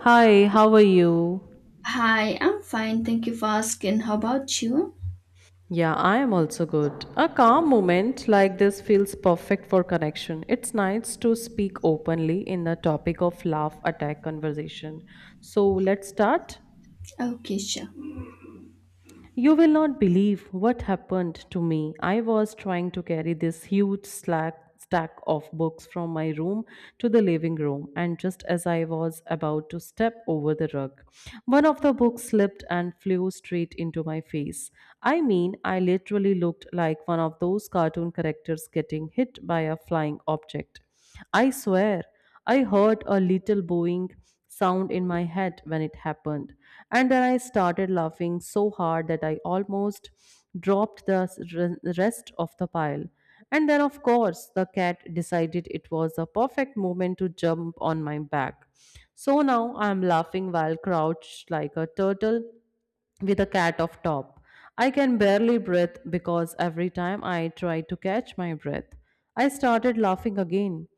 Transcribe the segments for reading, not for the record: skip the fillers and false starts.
Hi, how are you? Hi, I'm fine. Thank you for asking. How about you? Yeah, I am also good. A calm moment like this feels perfect for connection. It's nice to speak openly in the topic of laugh attack conversation. So let's start. Okay, sure. You will not believe what happened to me. I was trying to carry this huge slack stack of books from my room to the living room, and just as I was about to step over the rug, one of the books slipped and flew straight into my face. I mean, I literally looked like one of those cartoon characters getting hit by a flying object. I swear, I heard a little booing sound in my head when it happened. And then I started laughing so hard that I almost dropped the rest of the pile. And then, of course, the cat decided it was a perfect moment to jump on my back. So now I'm laughing while crouched like a turtle with a cat off top. I can barely breathe because every time I try to catch my breath, I started laughing again.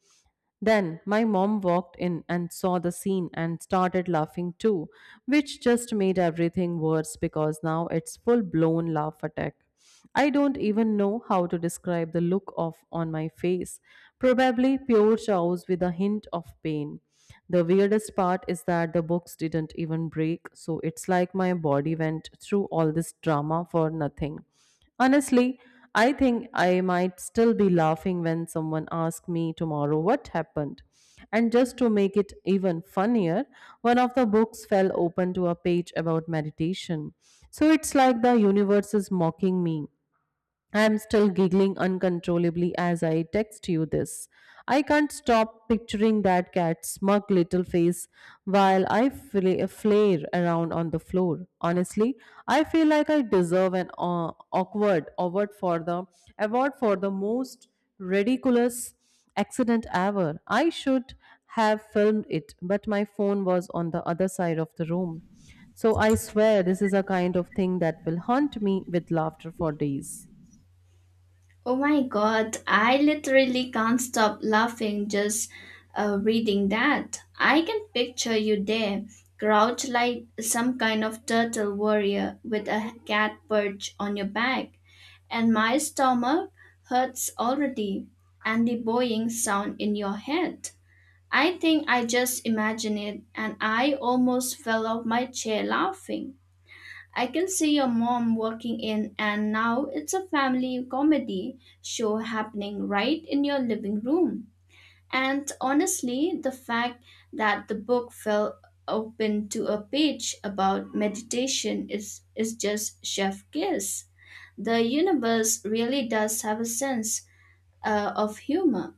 Then my mom walked in and saw the scene and started laughing too, which just made everything worse because now it's full blown laugh attack. I don't even know how to describe the look of on my face. Probably pure chaos with a hint of pain. The weirdest part is that the books didn't even break, so it's like my body went through all this drama for nothing. Honestly, I think I might still be laughing when someone asks me tomorrow what happened. And just to make it even funnier, one of the books fell open to a page about meditation. So it's like the universe is mocking me. I am still giggling uncontrollably as I text you this. I can't stop picturing that cat's smug little face while I flare around on the floor. Honestly, I feel like I deserve an awkward award for the most ridiculous accident ever. I should have filmed it, but my phone was on the other side of the room. So I swear this is a kind of thing that will haunt me with laughter for days. Oh my god, I literally can't stop laughing just reading that. I can picture you there, crouched like some kind of turtle warrior with a cat perch on your back. And my stomach hurts already, and the boing sound in your head. I think I just imagined it, and I almost fell off my chair laughing. I can see your mom working in, and now it's a family comedy show happening right in your living room. And honestly, the fact that the book fell open to a page about meditation is just chef kiss. The universe really does have a sense of humor.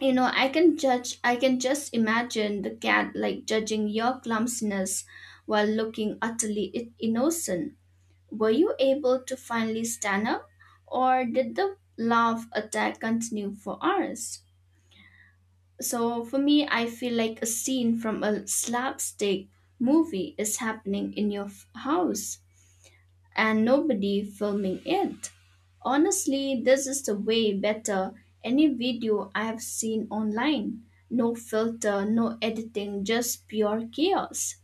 You know, I can just imagine the cat like judging your clumsiness while looking utterly innocent. Were you able to finally stand up, or did the laugh attack continue for hours? So, for me, I feel like a scene from a slapstick movie is happening in your house and nobody filming it. Honestly, this is the way better any video I have seen online. No filter, no editing, just pure chaos.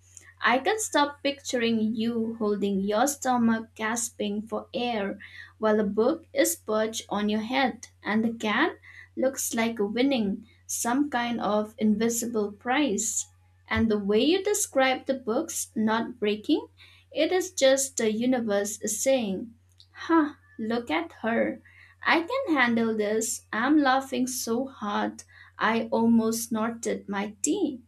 I can stop picturing you holding your stomach, gasping for air, while a book is perched on your head, and the cat looks like winning some kind of invisible prize. And the way you describe the books not breaking, it is just the universe saying, "Huh, look at her. I can handle this." I'm laughing so hard I almost snorted my tea.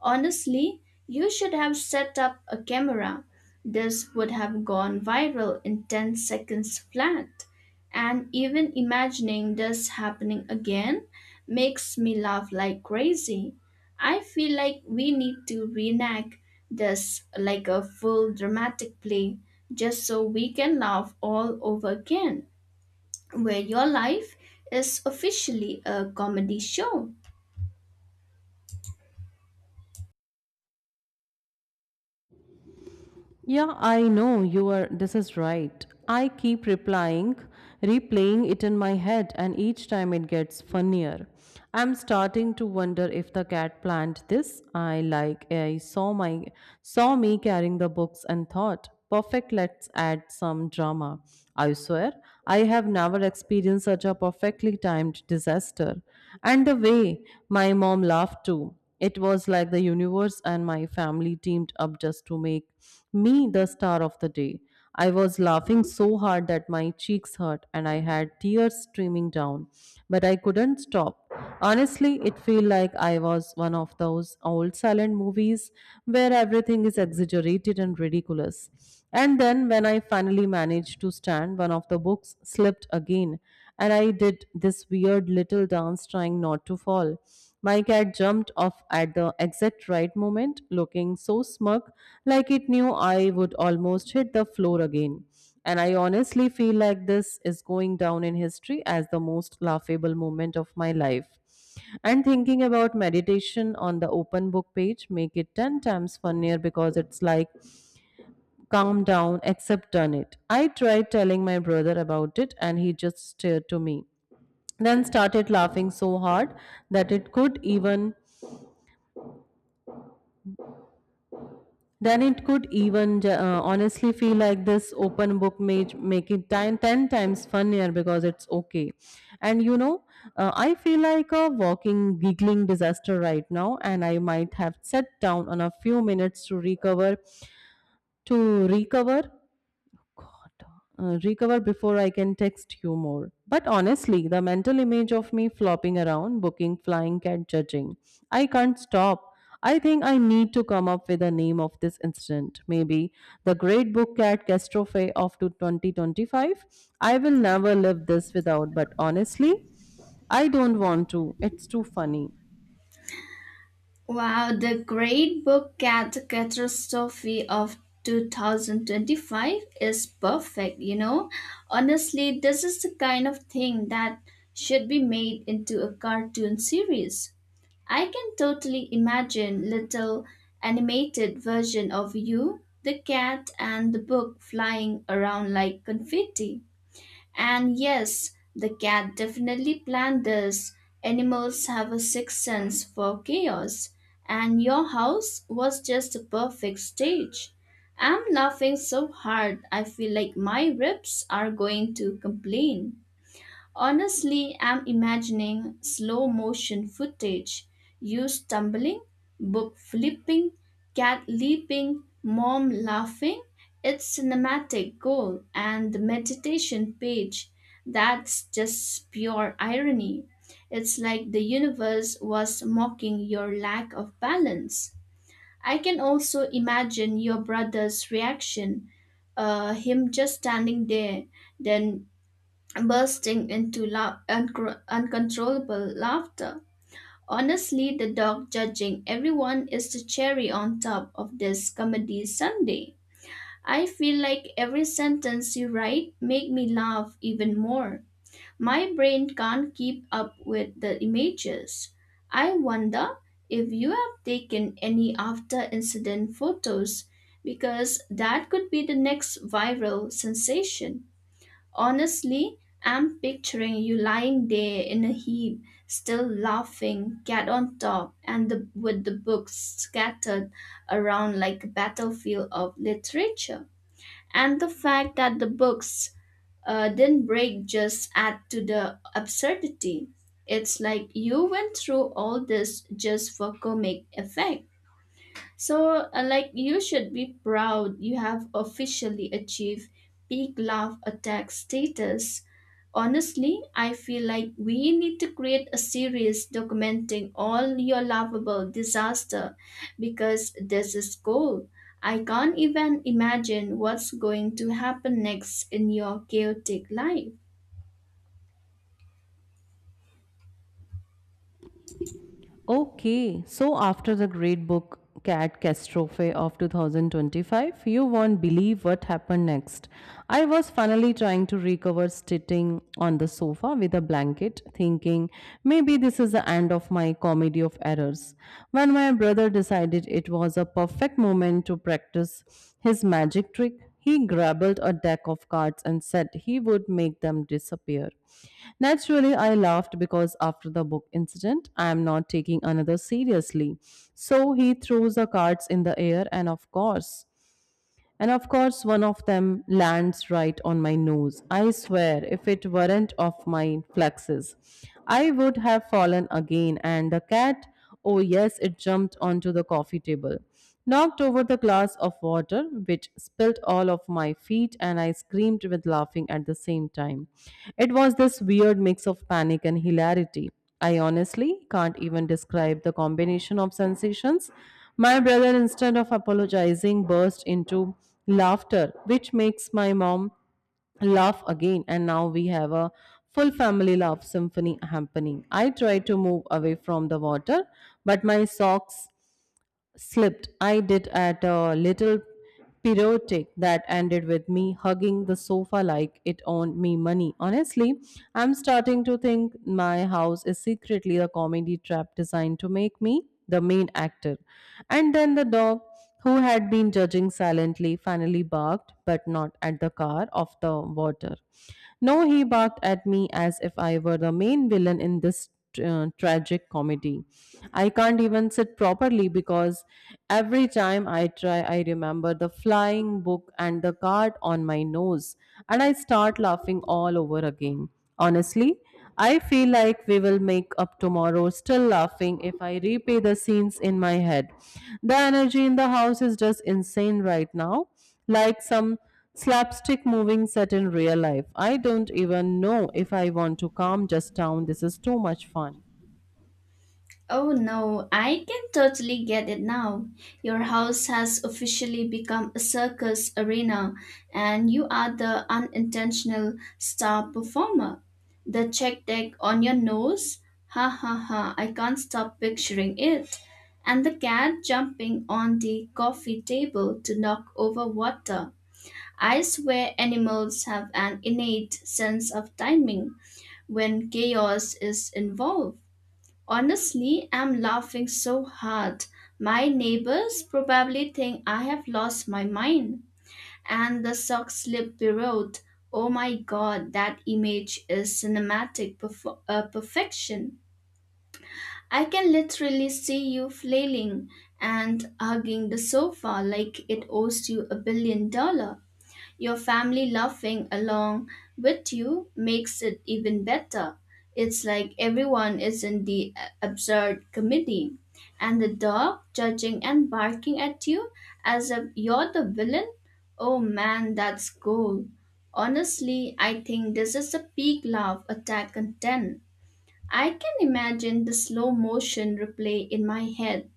Honestly, you should have set up a camera. This would have gone viral in 10 seconds flat. And even imagining this happening again makes me laugh like crazy. I feel like we need to reenact this like a full dramatic play just so we can laugh all over again, where your life is officially a comedy show. Yeah, I know you are. This is right. I keep replaying it in my head, and each time it gets funnier. I'm starting to wonder if the cat planned this. I like I saw me carrying the books and thought perfect, let's add some drama. I swear, I have never experienced such a perfectly timed disaster. And the way my mom laughed too. It was like the universe and my family teamed up just to make me the star of the day. I was laughing so hard that my cheeks hurt and I had tears streaming down, but I couldn't stop. Honestly, it felt like I was one of those old silent movies where everything is exaggerated and ridiculous. And then, when I finally managed to stand, one of the books slipped again, and I did this weird little dance trying not to fall. My cat jumped off at the exact right moment, looking so smug, like it knew I would almost hit the floor again. And I honestly feel like this is going down in history as the most laughable moment of my life. And thinking about meditation on the open book page make it 10 times funnier because it's like calm down except done it. I tried telling my brother about it and he just stared to me then started laughing so hard that it could even then it could even ju- honestly feel like this open book may make it 10 times funnier because it's okay and you know, I feel like a walking giggling disaster right now, and I might have sat down on a few minutes to recover recover before I can text you more. But honestly, the mental image of me flopping around, booking, flying, cat judging, I can't stop. I think I need to come up with a name of this incident. Maybe the Great Book Cat Catastrophe of to 2025. I will never live this without, but honestly, I don't want to. It's too funny. Wow, the Great Book Cat Catastrophe of 2025 is perfect, you know. Honestly, this is the kind of thing that should be made into a cartoon series. I can totally imagine little animated version of you, the cat and the book flying around like confetti. And yes, the cat definitely planned this. Animals have a sixth sense for chaos, and your house was just the perfect stage. I'm laughing so hard, I feel like my ribs are going to complain. Honestly, I'm imagining slow motion footage, you stumbling, book flipping, cat leaping, mom laughing. It's cinematic gold and the meditation page. That's just pure irony. It's like the universe was mocking your lack of balance. I can also imagine your brother's reaction, him just standing there, then bursting into uncontrollable laughter. Honestly, the dog judging everyone is the cherry on top of this comedy Sunday. I feel like every sentence you write make me laugh even more. My brain can't keep up with the images. I wonder if you have taken any after incident photos because that could be the next viral sensation. Honestly, I'm picturing you lying there in a heap, still laughing, cat on top, and with the books scattered around like a battlefield of literature. And the fact that the books didn't break just add to the absurdity. It's like you went through all this just for comic effect. So, you should be proud you have officially achieved peak love attack status. Honestly, I feel like we need to create a series documenting all your lovable disaster because this is cool. I can't even imagine what's going to happen next in your chaotic life. Okay, so after the great book Cat Catastrophe of 2025, you won't believe what happened next. I was finally trying to recover sitting on the sofa with a blanket, thinking maybe this is the end of my comedy of errors. When my brother decided it was a perfect moment to practice his magic trick, he grabbled a deck of cards and said he would make them disappear. Naturally, I laughed because after the book incident, I am not taking another seriously. So he throws the cards in the air, and of course, one of them lands right on my nose. I swear, if it weren't of my flexes, I would have fallen again. And the cat, oh yes, it jumped onto the coffee table, knocked over the glass of water, which spilled all of my feet, and I screamed with laughing at the same time. It was this weird mix of panic and hilarity. I honestly can't even describe the combination of sensations. My brother, instead of apologizing, burst into laughter, which makes my mom laugh again. And now we have a full family laugh symphony happening. I try to move away from the water, but my socks slipped. I did at a little pirouette that ended with me hugging the sofa like it owned me money. Honestly, I'm starting to think my house is secretly a comedy trap designed to make me the main actor. And then the dog who had been judging silently, finally barked, but not at the car of the water. No, he barked at me as if I were the main villain in this tragic comedy. I can't even sit properly because every time I try, I remember the flying book and the card on my nose, and I start laughing all over again. Honestly, I feel like we will make up tomorrow, still laughing if I replay the scenes in my head. The energy in the house is just insane right now, like some slapstick moving set in real life. I don't even know if I want to calm just down. This is too much fun. Oh no, I can totally get it now. Your house has officially become a circus arena, and you are the unintentional star performer. The check deck on your nose? Ha ha ha, I can't stop picturing it. And the cat jumping on the coffee table to knock over water. I swear animals have an innate sense of timing when chaos is involved. Honestly, I'm laughing so hard. My neighbors probably think I have lost my mind. And the sock slip pirouette. Oh my god, that image is cinematic perfection. I can literally see you flailing and hugging the sofa like it owes you a billion dollars. Your family laughing along with you makes it even better. It's like everyone is in the absurd comedy. And the dog judging and barking at you as if you're the villain? Oh man, that's gold. Honestly, I think this is a peak laugh attack content. I can imagine the slow motion replay in my head.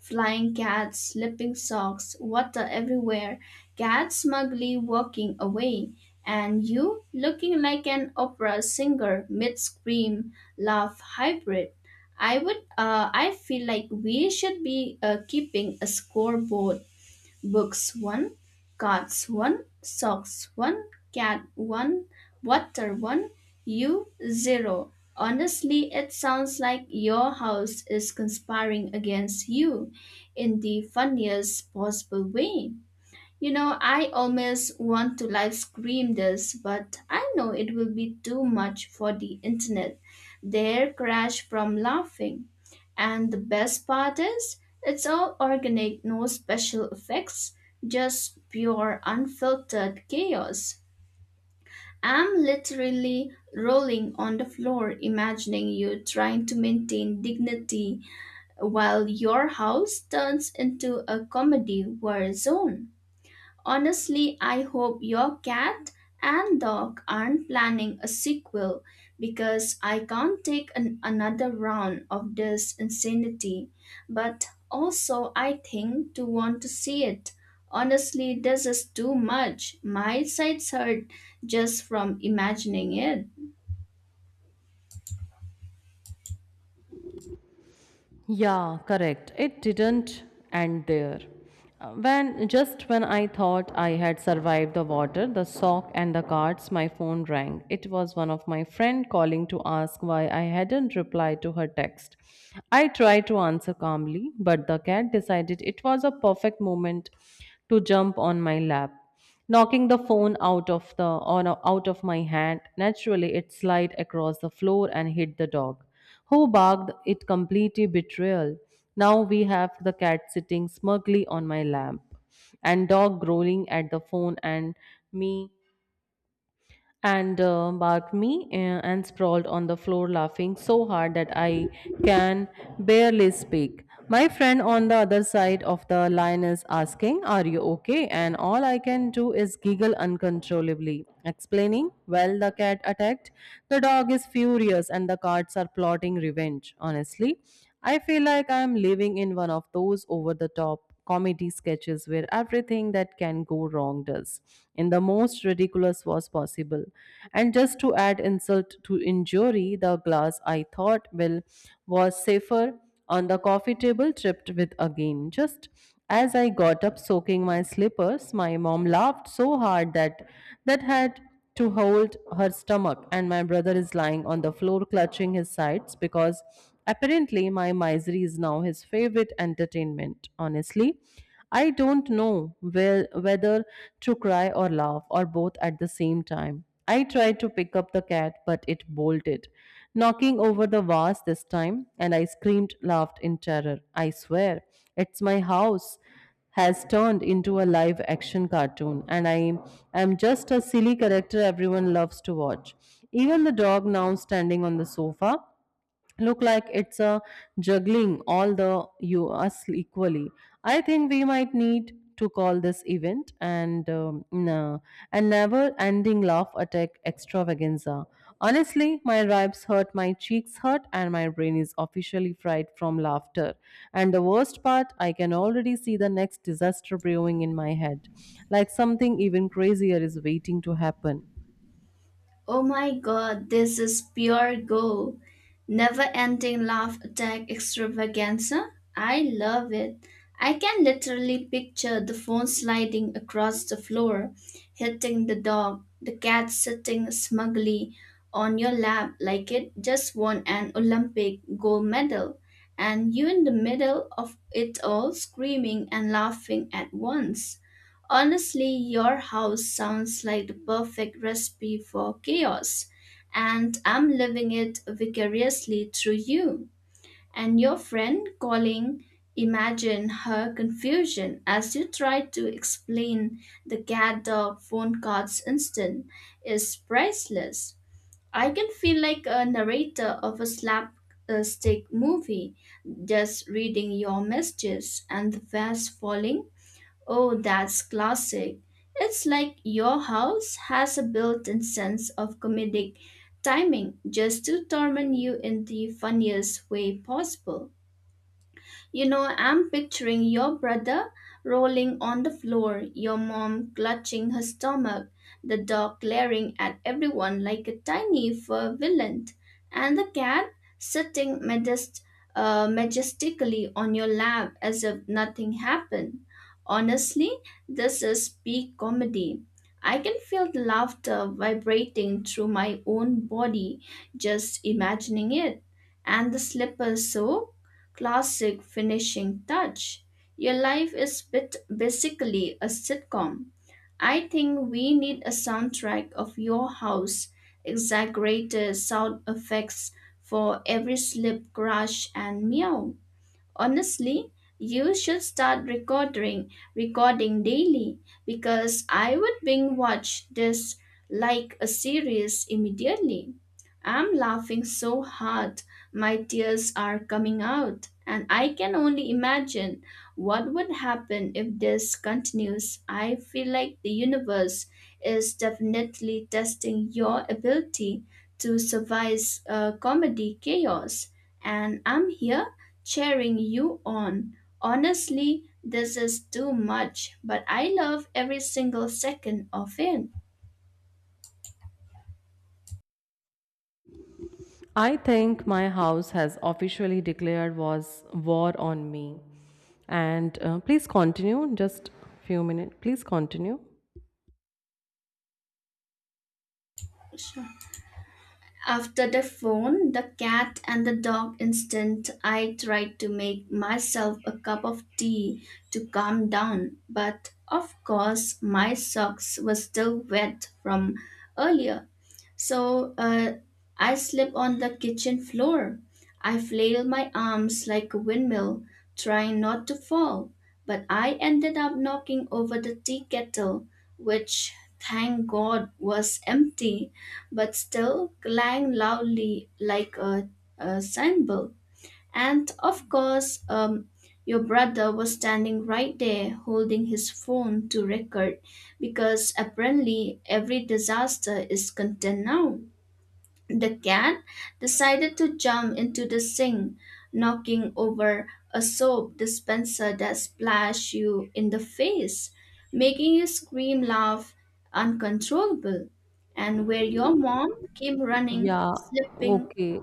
Flying cats, slipping socks, water everywhere, cats smugly walking away, and you looking like an opera singer mid scream laugh hybrid. I feel like we should be keeping a scoreboard. Books 1, Cards 1, Socks 1, Cat 1, Water 1, You 0. Honestly, it sounds like your house is conspiring against you in the funniest possible way. You know, I almost want to live stream this, but I know it will be too much for the internet. They'll crash from laughing. And the best part is, it's all organic, no special effects, just pure unfiltered chaos. I'm literally rolling on the floor, imagining you trying to maintain dignity while your house turns into a comedy war zone. Honestly, I hope your cat and dog aren't planning a sequel because I can't take another round of this insanity. But also, I think to want to see it. Honestly, this is too much. My sides hurt just from imagining it. Yeah, correct. It didn't end there. When just when I thought I had survived the water, the sock and the cards, my phone rang. It was one of my friend calling to ask why I hadn't replied to her text. I tried to answer calmly, but the cat decided it was a perfect moment to jump on my lap. Knocking the phone out of my hand, naturally it slid across the floor and hit the dog who barked it completely betrayal. Now we have the cat sitting smugly on my lap, and dog growling at the phone, and me and barked me and sprawled on the floor laughing so hard that I can barely speak. My friend on the other side of the line is asking, Are you okay? And all I can do is giggle uncontrollably, explaining, Well, the cat attacked, the dog is furious, and the cats are plotting revenge. Honestly, I feel like I am living in one of those over the top comedy sketches where everything that can go wrong does in the most ridiculous was possible. And just to add insult to injury, the glass I thought will was safer on the coffee table tripped with again just as I got up soaking my slippers. My mom laughed so hard that had to hold her stomach, and my brother is lying on the floor clutching his sides because apparently my misery is now his favorite entertainment. Honestly, I don't know whether to cry or laugh or both at the same time. I tried to pick up the cat, but it bolted, knocking over the vase this time, and I screamed, laughed in terror. I swear, it's my house has turned into a live action cartoon, and I am just a silly character everyone loves to watch. Even the dog now standing on the sofa look like it's a juggling all the you us equally. I think we might need to call this event a never ending laugh attack extravaganza. Honestly, my ribs hurt, my cheeks hurt, and my brain is officially fried from laughter. And the worst part, I can already see the next disaster brewing in my head, like something even crazier is waiting to happen. Oh my god, this is pure gold. Never ending laugh attack extravaganza? I love it. I can literally picture the phone sliding across the floor, hitting the dog, the cat sitting smugly on your lap like it just won an Olympic gold medal, and you in the middle of it all screaming and laughing at once. Honestly, your house sounds like the perfect recipe for chaos, and I'm living it vicariously through you. And your friend calling, imagine her confusion as you try to explain the cat dog phone cards instant is priceless. I can feel like a narrator of a slapstick movie, just reading your messages and the fast falling. Oh, that's classic. It's like your house has a built in sense of comedic timing just to torment you in the funniest way possible. You know, I'm picturing your brother rolling on the floor, your mom clutching her stomach, the dog glaring at everyone like a tiny fur villain, and the cat sitting majestically on your lap as if nothing happened. Honestly, this is peak comedy. I can feel the laughter vibrating through my own body just imagining it. And the slipper soap? Classic finishing touch. Your life is bit basically a sitcom. I think we need a soundtrack of your house, exaggerated sound effects for every slip, crash, and meow. Honestly, you should start recording daily because I would binge watch this like a series immediately. I'm laughing so hard, my tears are coming out, and I can only imagine what would happen if this continues? I feel like the universe is definitely testing your ability to survive comedy chaos, and I'm here cheering you on. Honestly, this is too much, but I love every single second of it. I think my house has officially declared was war on me. And please continue, just few minutes. Please continue. Sure. After the phone, the cat and the dog instant, I tried to make myself a cup of tea to calm down, but of course my socks were still wet from earlier. So I slip on the kitchen floor. I flail my arms like a windmill, trying not to fall. But I ended up knocking over the tea kettle, which, thank God, was empty, but still clang loudly like a cymbal. And of course, your brother was standing right there holding his phone to record because apparently every disaster is content now. The cat decided to jump into the sink, knocking over a soap dispenser that splashed you in the face, making you scream laugh uncontrollable. And where your mom came running, Yeah, slipping. okay.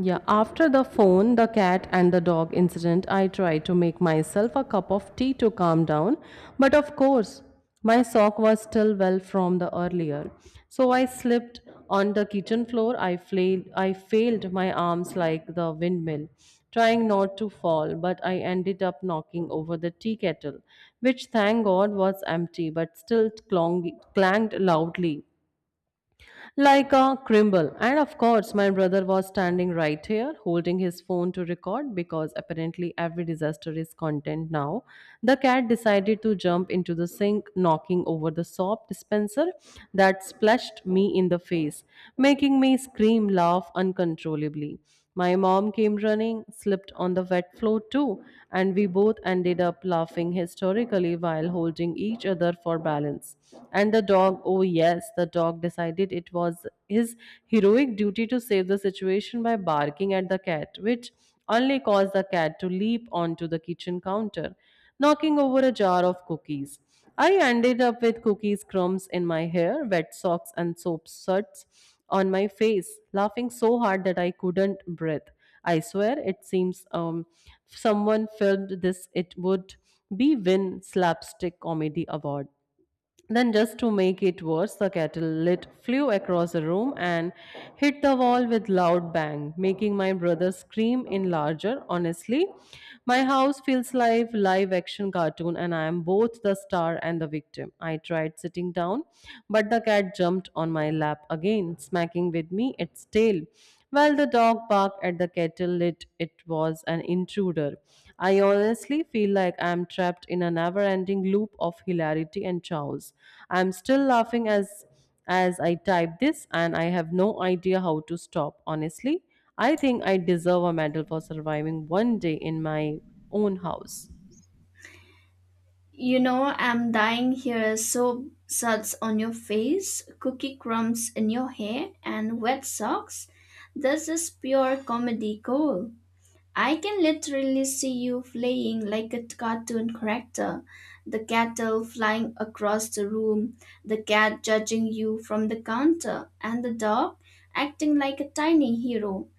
Yeah, after the phone, the cat, and the dog incident, I tried to make myself a cup of tea to calm down. But of course, my sock was still well from the earlier. So I slipped on the kitchen floor. I flailed, I failed my arms like the windmill, trying not to fall, but I ended up knocking over the tea kettle, which thank God was empty, but still clanged loudly like a crumble. And of course, my brother was standing right here holding his phone to record because apparently every disaster is content now. The cat decided to jump into the sink, knocking over the soap dispenser that splashed me in the face, making me scream laugh uncontrollably. My mom came running, slipped on the wet floor too, and we both ended up laughing hysterically while holding each other for balance. And the dog, oh yes, the dog decided it was his heroic duty to save the situation by barking at the cat, which only caused the cat to leap onto the kitchen counter, knocking over a jar of cookies. I ended up with cookies crumbs in my hair, wet socks, and soap suds on my face, laughing so hard that I couldn't breathe. I swear it seems someone filmed this, it would be win slapstick comedy award. Then, just to make it worse, the kettle lid flew across the room and hit the wall with loud bang, making my brother scream in larger. Honestly, my house feels like live action cartoon, and I am both the star and the victim. I tried sitting down, but the cat jumped on my lap again, smacking with me its tail. While the dog barked at the kettle, it was an intruder. I honestly feel like I am trapped in a never ending loop of hilarity and chaos. I am still laughing as I type this, and I have no idea how to stop. Honestly, I think I deserve a medal for surviving one day in my own house. You know, I'm dying here. Soap suds on your face, cookie crumbs in your hair, and wet socks. This is pure comedy gold. I can literally see you flying like a cartoon character, the cattle flying across the room, the cat judging you from the counter, and the dog acting like a tiny hero.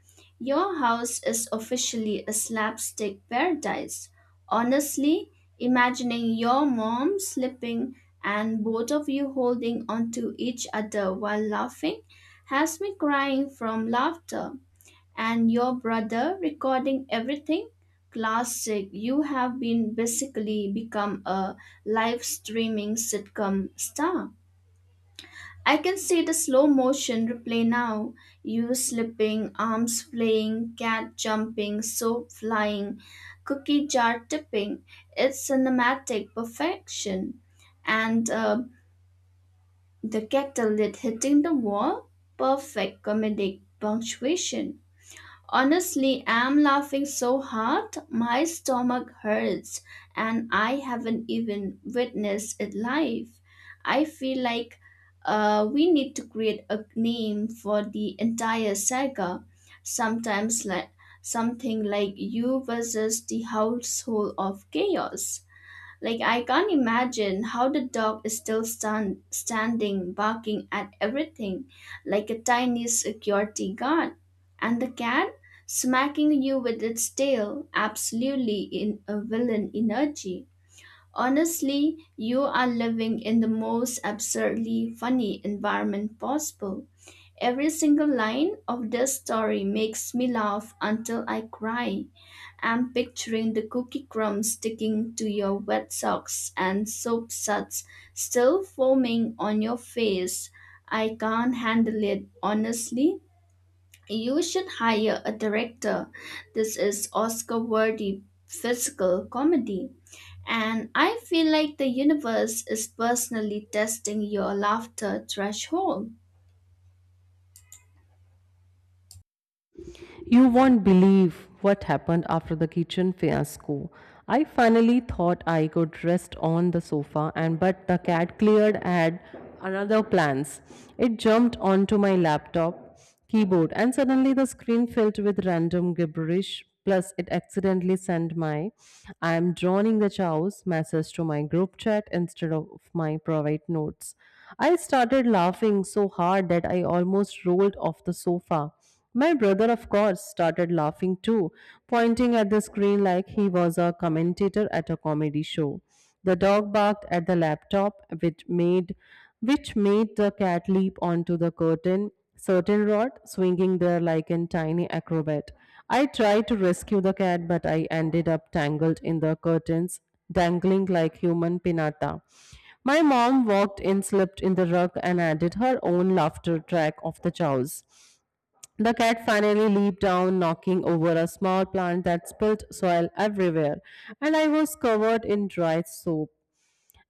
Your house is officially a slapstick paradise. Honestly, imagining your mom slipping and both of you holding onto each other while laughing has me crying from laughter and your brother recording everything. Classic. You have been basically become a live streaming sitcom star. I can see the slow motion replay now. You slipping, arms flaying, cat jumping, soap flying, cookie jar tipping. It's cinematic perfection. And the kettle lid hitting the wall. Perfect comedic punctuation. Honestly, I'm laughing so hard my stomach hurts and I haven't even witnessed it live. I feel like we need to create a name for the entire saga. Sometimes like something like you versus the household of chaos. Like I can't imagine how the dog is still standing barking at everything like a tiny security guard and the cat smacking you with its tail absolutely in a villain energy. Honestly, you are living in the most absurdly funny environment possible. Every single line of this story makes me laugh until I cry. I'm picturing the cookie crumbs sticking to your wet socks and soap suds still foaming on your face. I can't handle it, honestly. You should hire a director. This is Oscar worthy physical comedy. And I feel like the universe is personally testing your laughter threshold. You won't believe what happened after the kitchen fiasco. I finally thought I could rest on the sofa and but the cat cleared had another plans. It jumped onto my laptop keyboard and suddenly the screen filled with random gibberish plus it accidentally sent my I am drowning the chows message to my group chat instead of my private notes. I started laughing so hard that I almost rolled off the sofa. My brother, of course, started laughing too, pointing at the screen like he was a commentator at a comedy show. The dog barked at the laptop, which made the cat leap onto the curtain rod, swinging there like a tiny acrobat. I tried to rescue the cat, but I ended up tangled in the curtains, dangling like human pinata. My mom walked in, slipped in the rug, and added her own laughter track of the chows. The cat finally leaped down, knocking over a small plant that spilled soil everywhere, and I was covered in dry soap.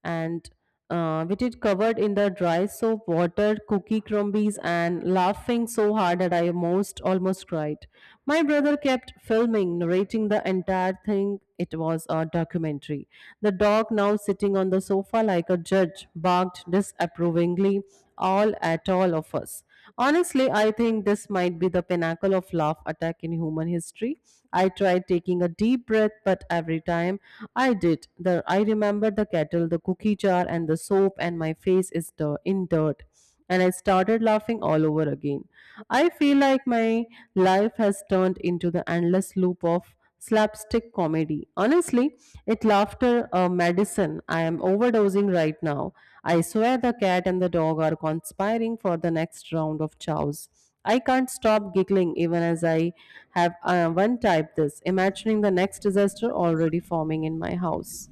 And with it covered in the dry soap, water, cookie crumbies, and laughing so hard that I most almost cried. My brother kept filming, narrating the entire thing. It was a documentary. The dog, now sitting on the sofa like a judge, barked disapprovingly all at all of us. Honestly, I think this might be the pinnacle of laugh attack in human history. I tried taking a deep breath, but every time I did, the I remembered the kettle, the cookie jar, and the soap, and my face is dir- in dirt. And I started laughing all over again. I feel like my life has turned into the endless loop of slapstick comedy. Honestly, it laughter a medicine. I am overdosing right now. I swear the cat and the dog are conspiring for the next round of chows. I can't stop giggling even as I have one type this, imagining the next disaster already forming in my house.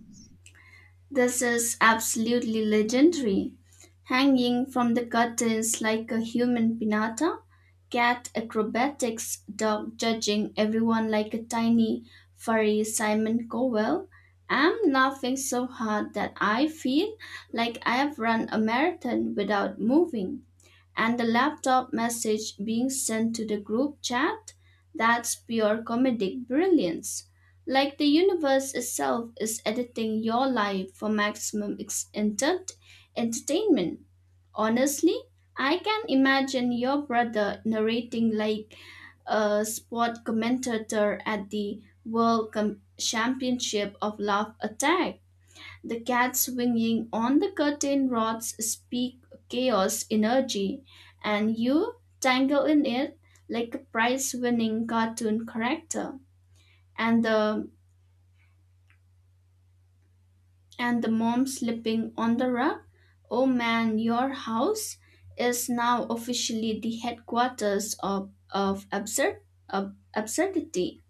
This is absolutely legendary. Hanging from the curtains like a human pinata, cat acrobatics, dog judging everyone like a tiny, furry Simon Cowell. I'm laughing so hard that I feel like I have run a marathon without moving. And the laptop message being sent to the group chat, that's pure comedic brilliance. Like the universe itself is editing your life for maximum entertainment. Honestly, I can imagine your brother narrating like a sport commentator at the World Championship of Love Attack. The cats swinging on the curtain rods speak chaos energy, and you tangle in it like a prize winning cartoon character. And the and the mom sleeping on the rug. Oh man, your house is now officially the headquarters of absurd of absurdity,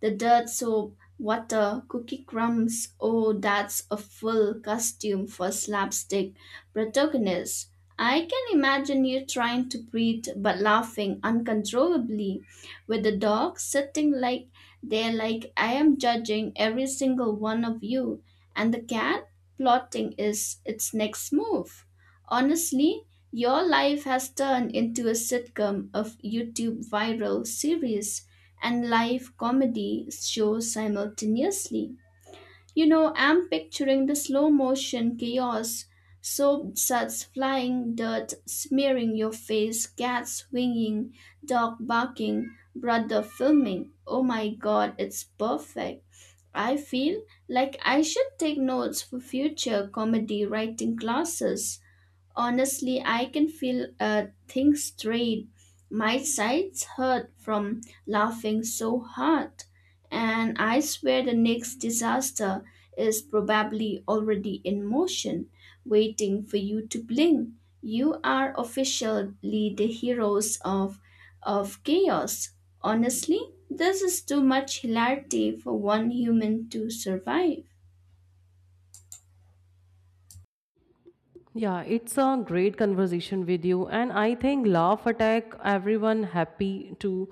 the dirt soap, water, cookie crumbs. Oh, that's a full costume for slapstick protagonist. I can imagine you trying to breathe but laughing uncontrollably, with the dog sitting like there, like I am judging every single one of you, and the cat plotting is its next move. Honestly, your life has turned into a sitcom of YouTube viral series and live comedy shows simultaneously. You know, I'm picturing the slow motion chaos, soap suds flying, dirt smearing your face, cats swinging, dog barking, brother filming. Oh my god, it's perfect. I feel like I should take notes for future comedy writing classes. Honestly, I can feel things straight. My sides hurt from laughing so hard, and I swear the next disaster is probably already in motion, waiting for you to blink. You are officially the heroes of chaos. Honestly, this is too much hilarity for one human to survive. Yeah, it's a great conversation with you, and I think laugh attack everyone happy to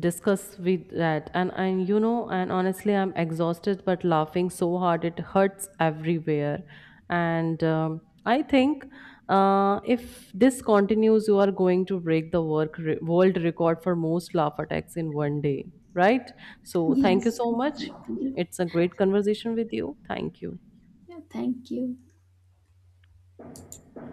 discuss with that. And honestly, I'm exhausted, but laughing so hard it hurts everywhere. And I think if this continues, you are going to break the world record for most laugh attacks in one day, right? So thank you Yes, so much. exactly. It's a great conversation with you. Thank you. Yeah, thank you.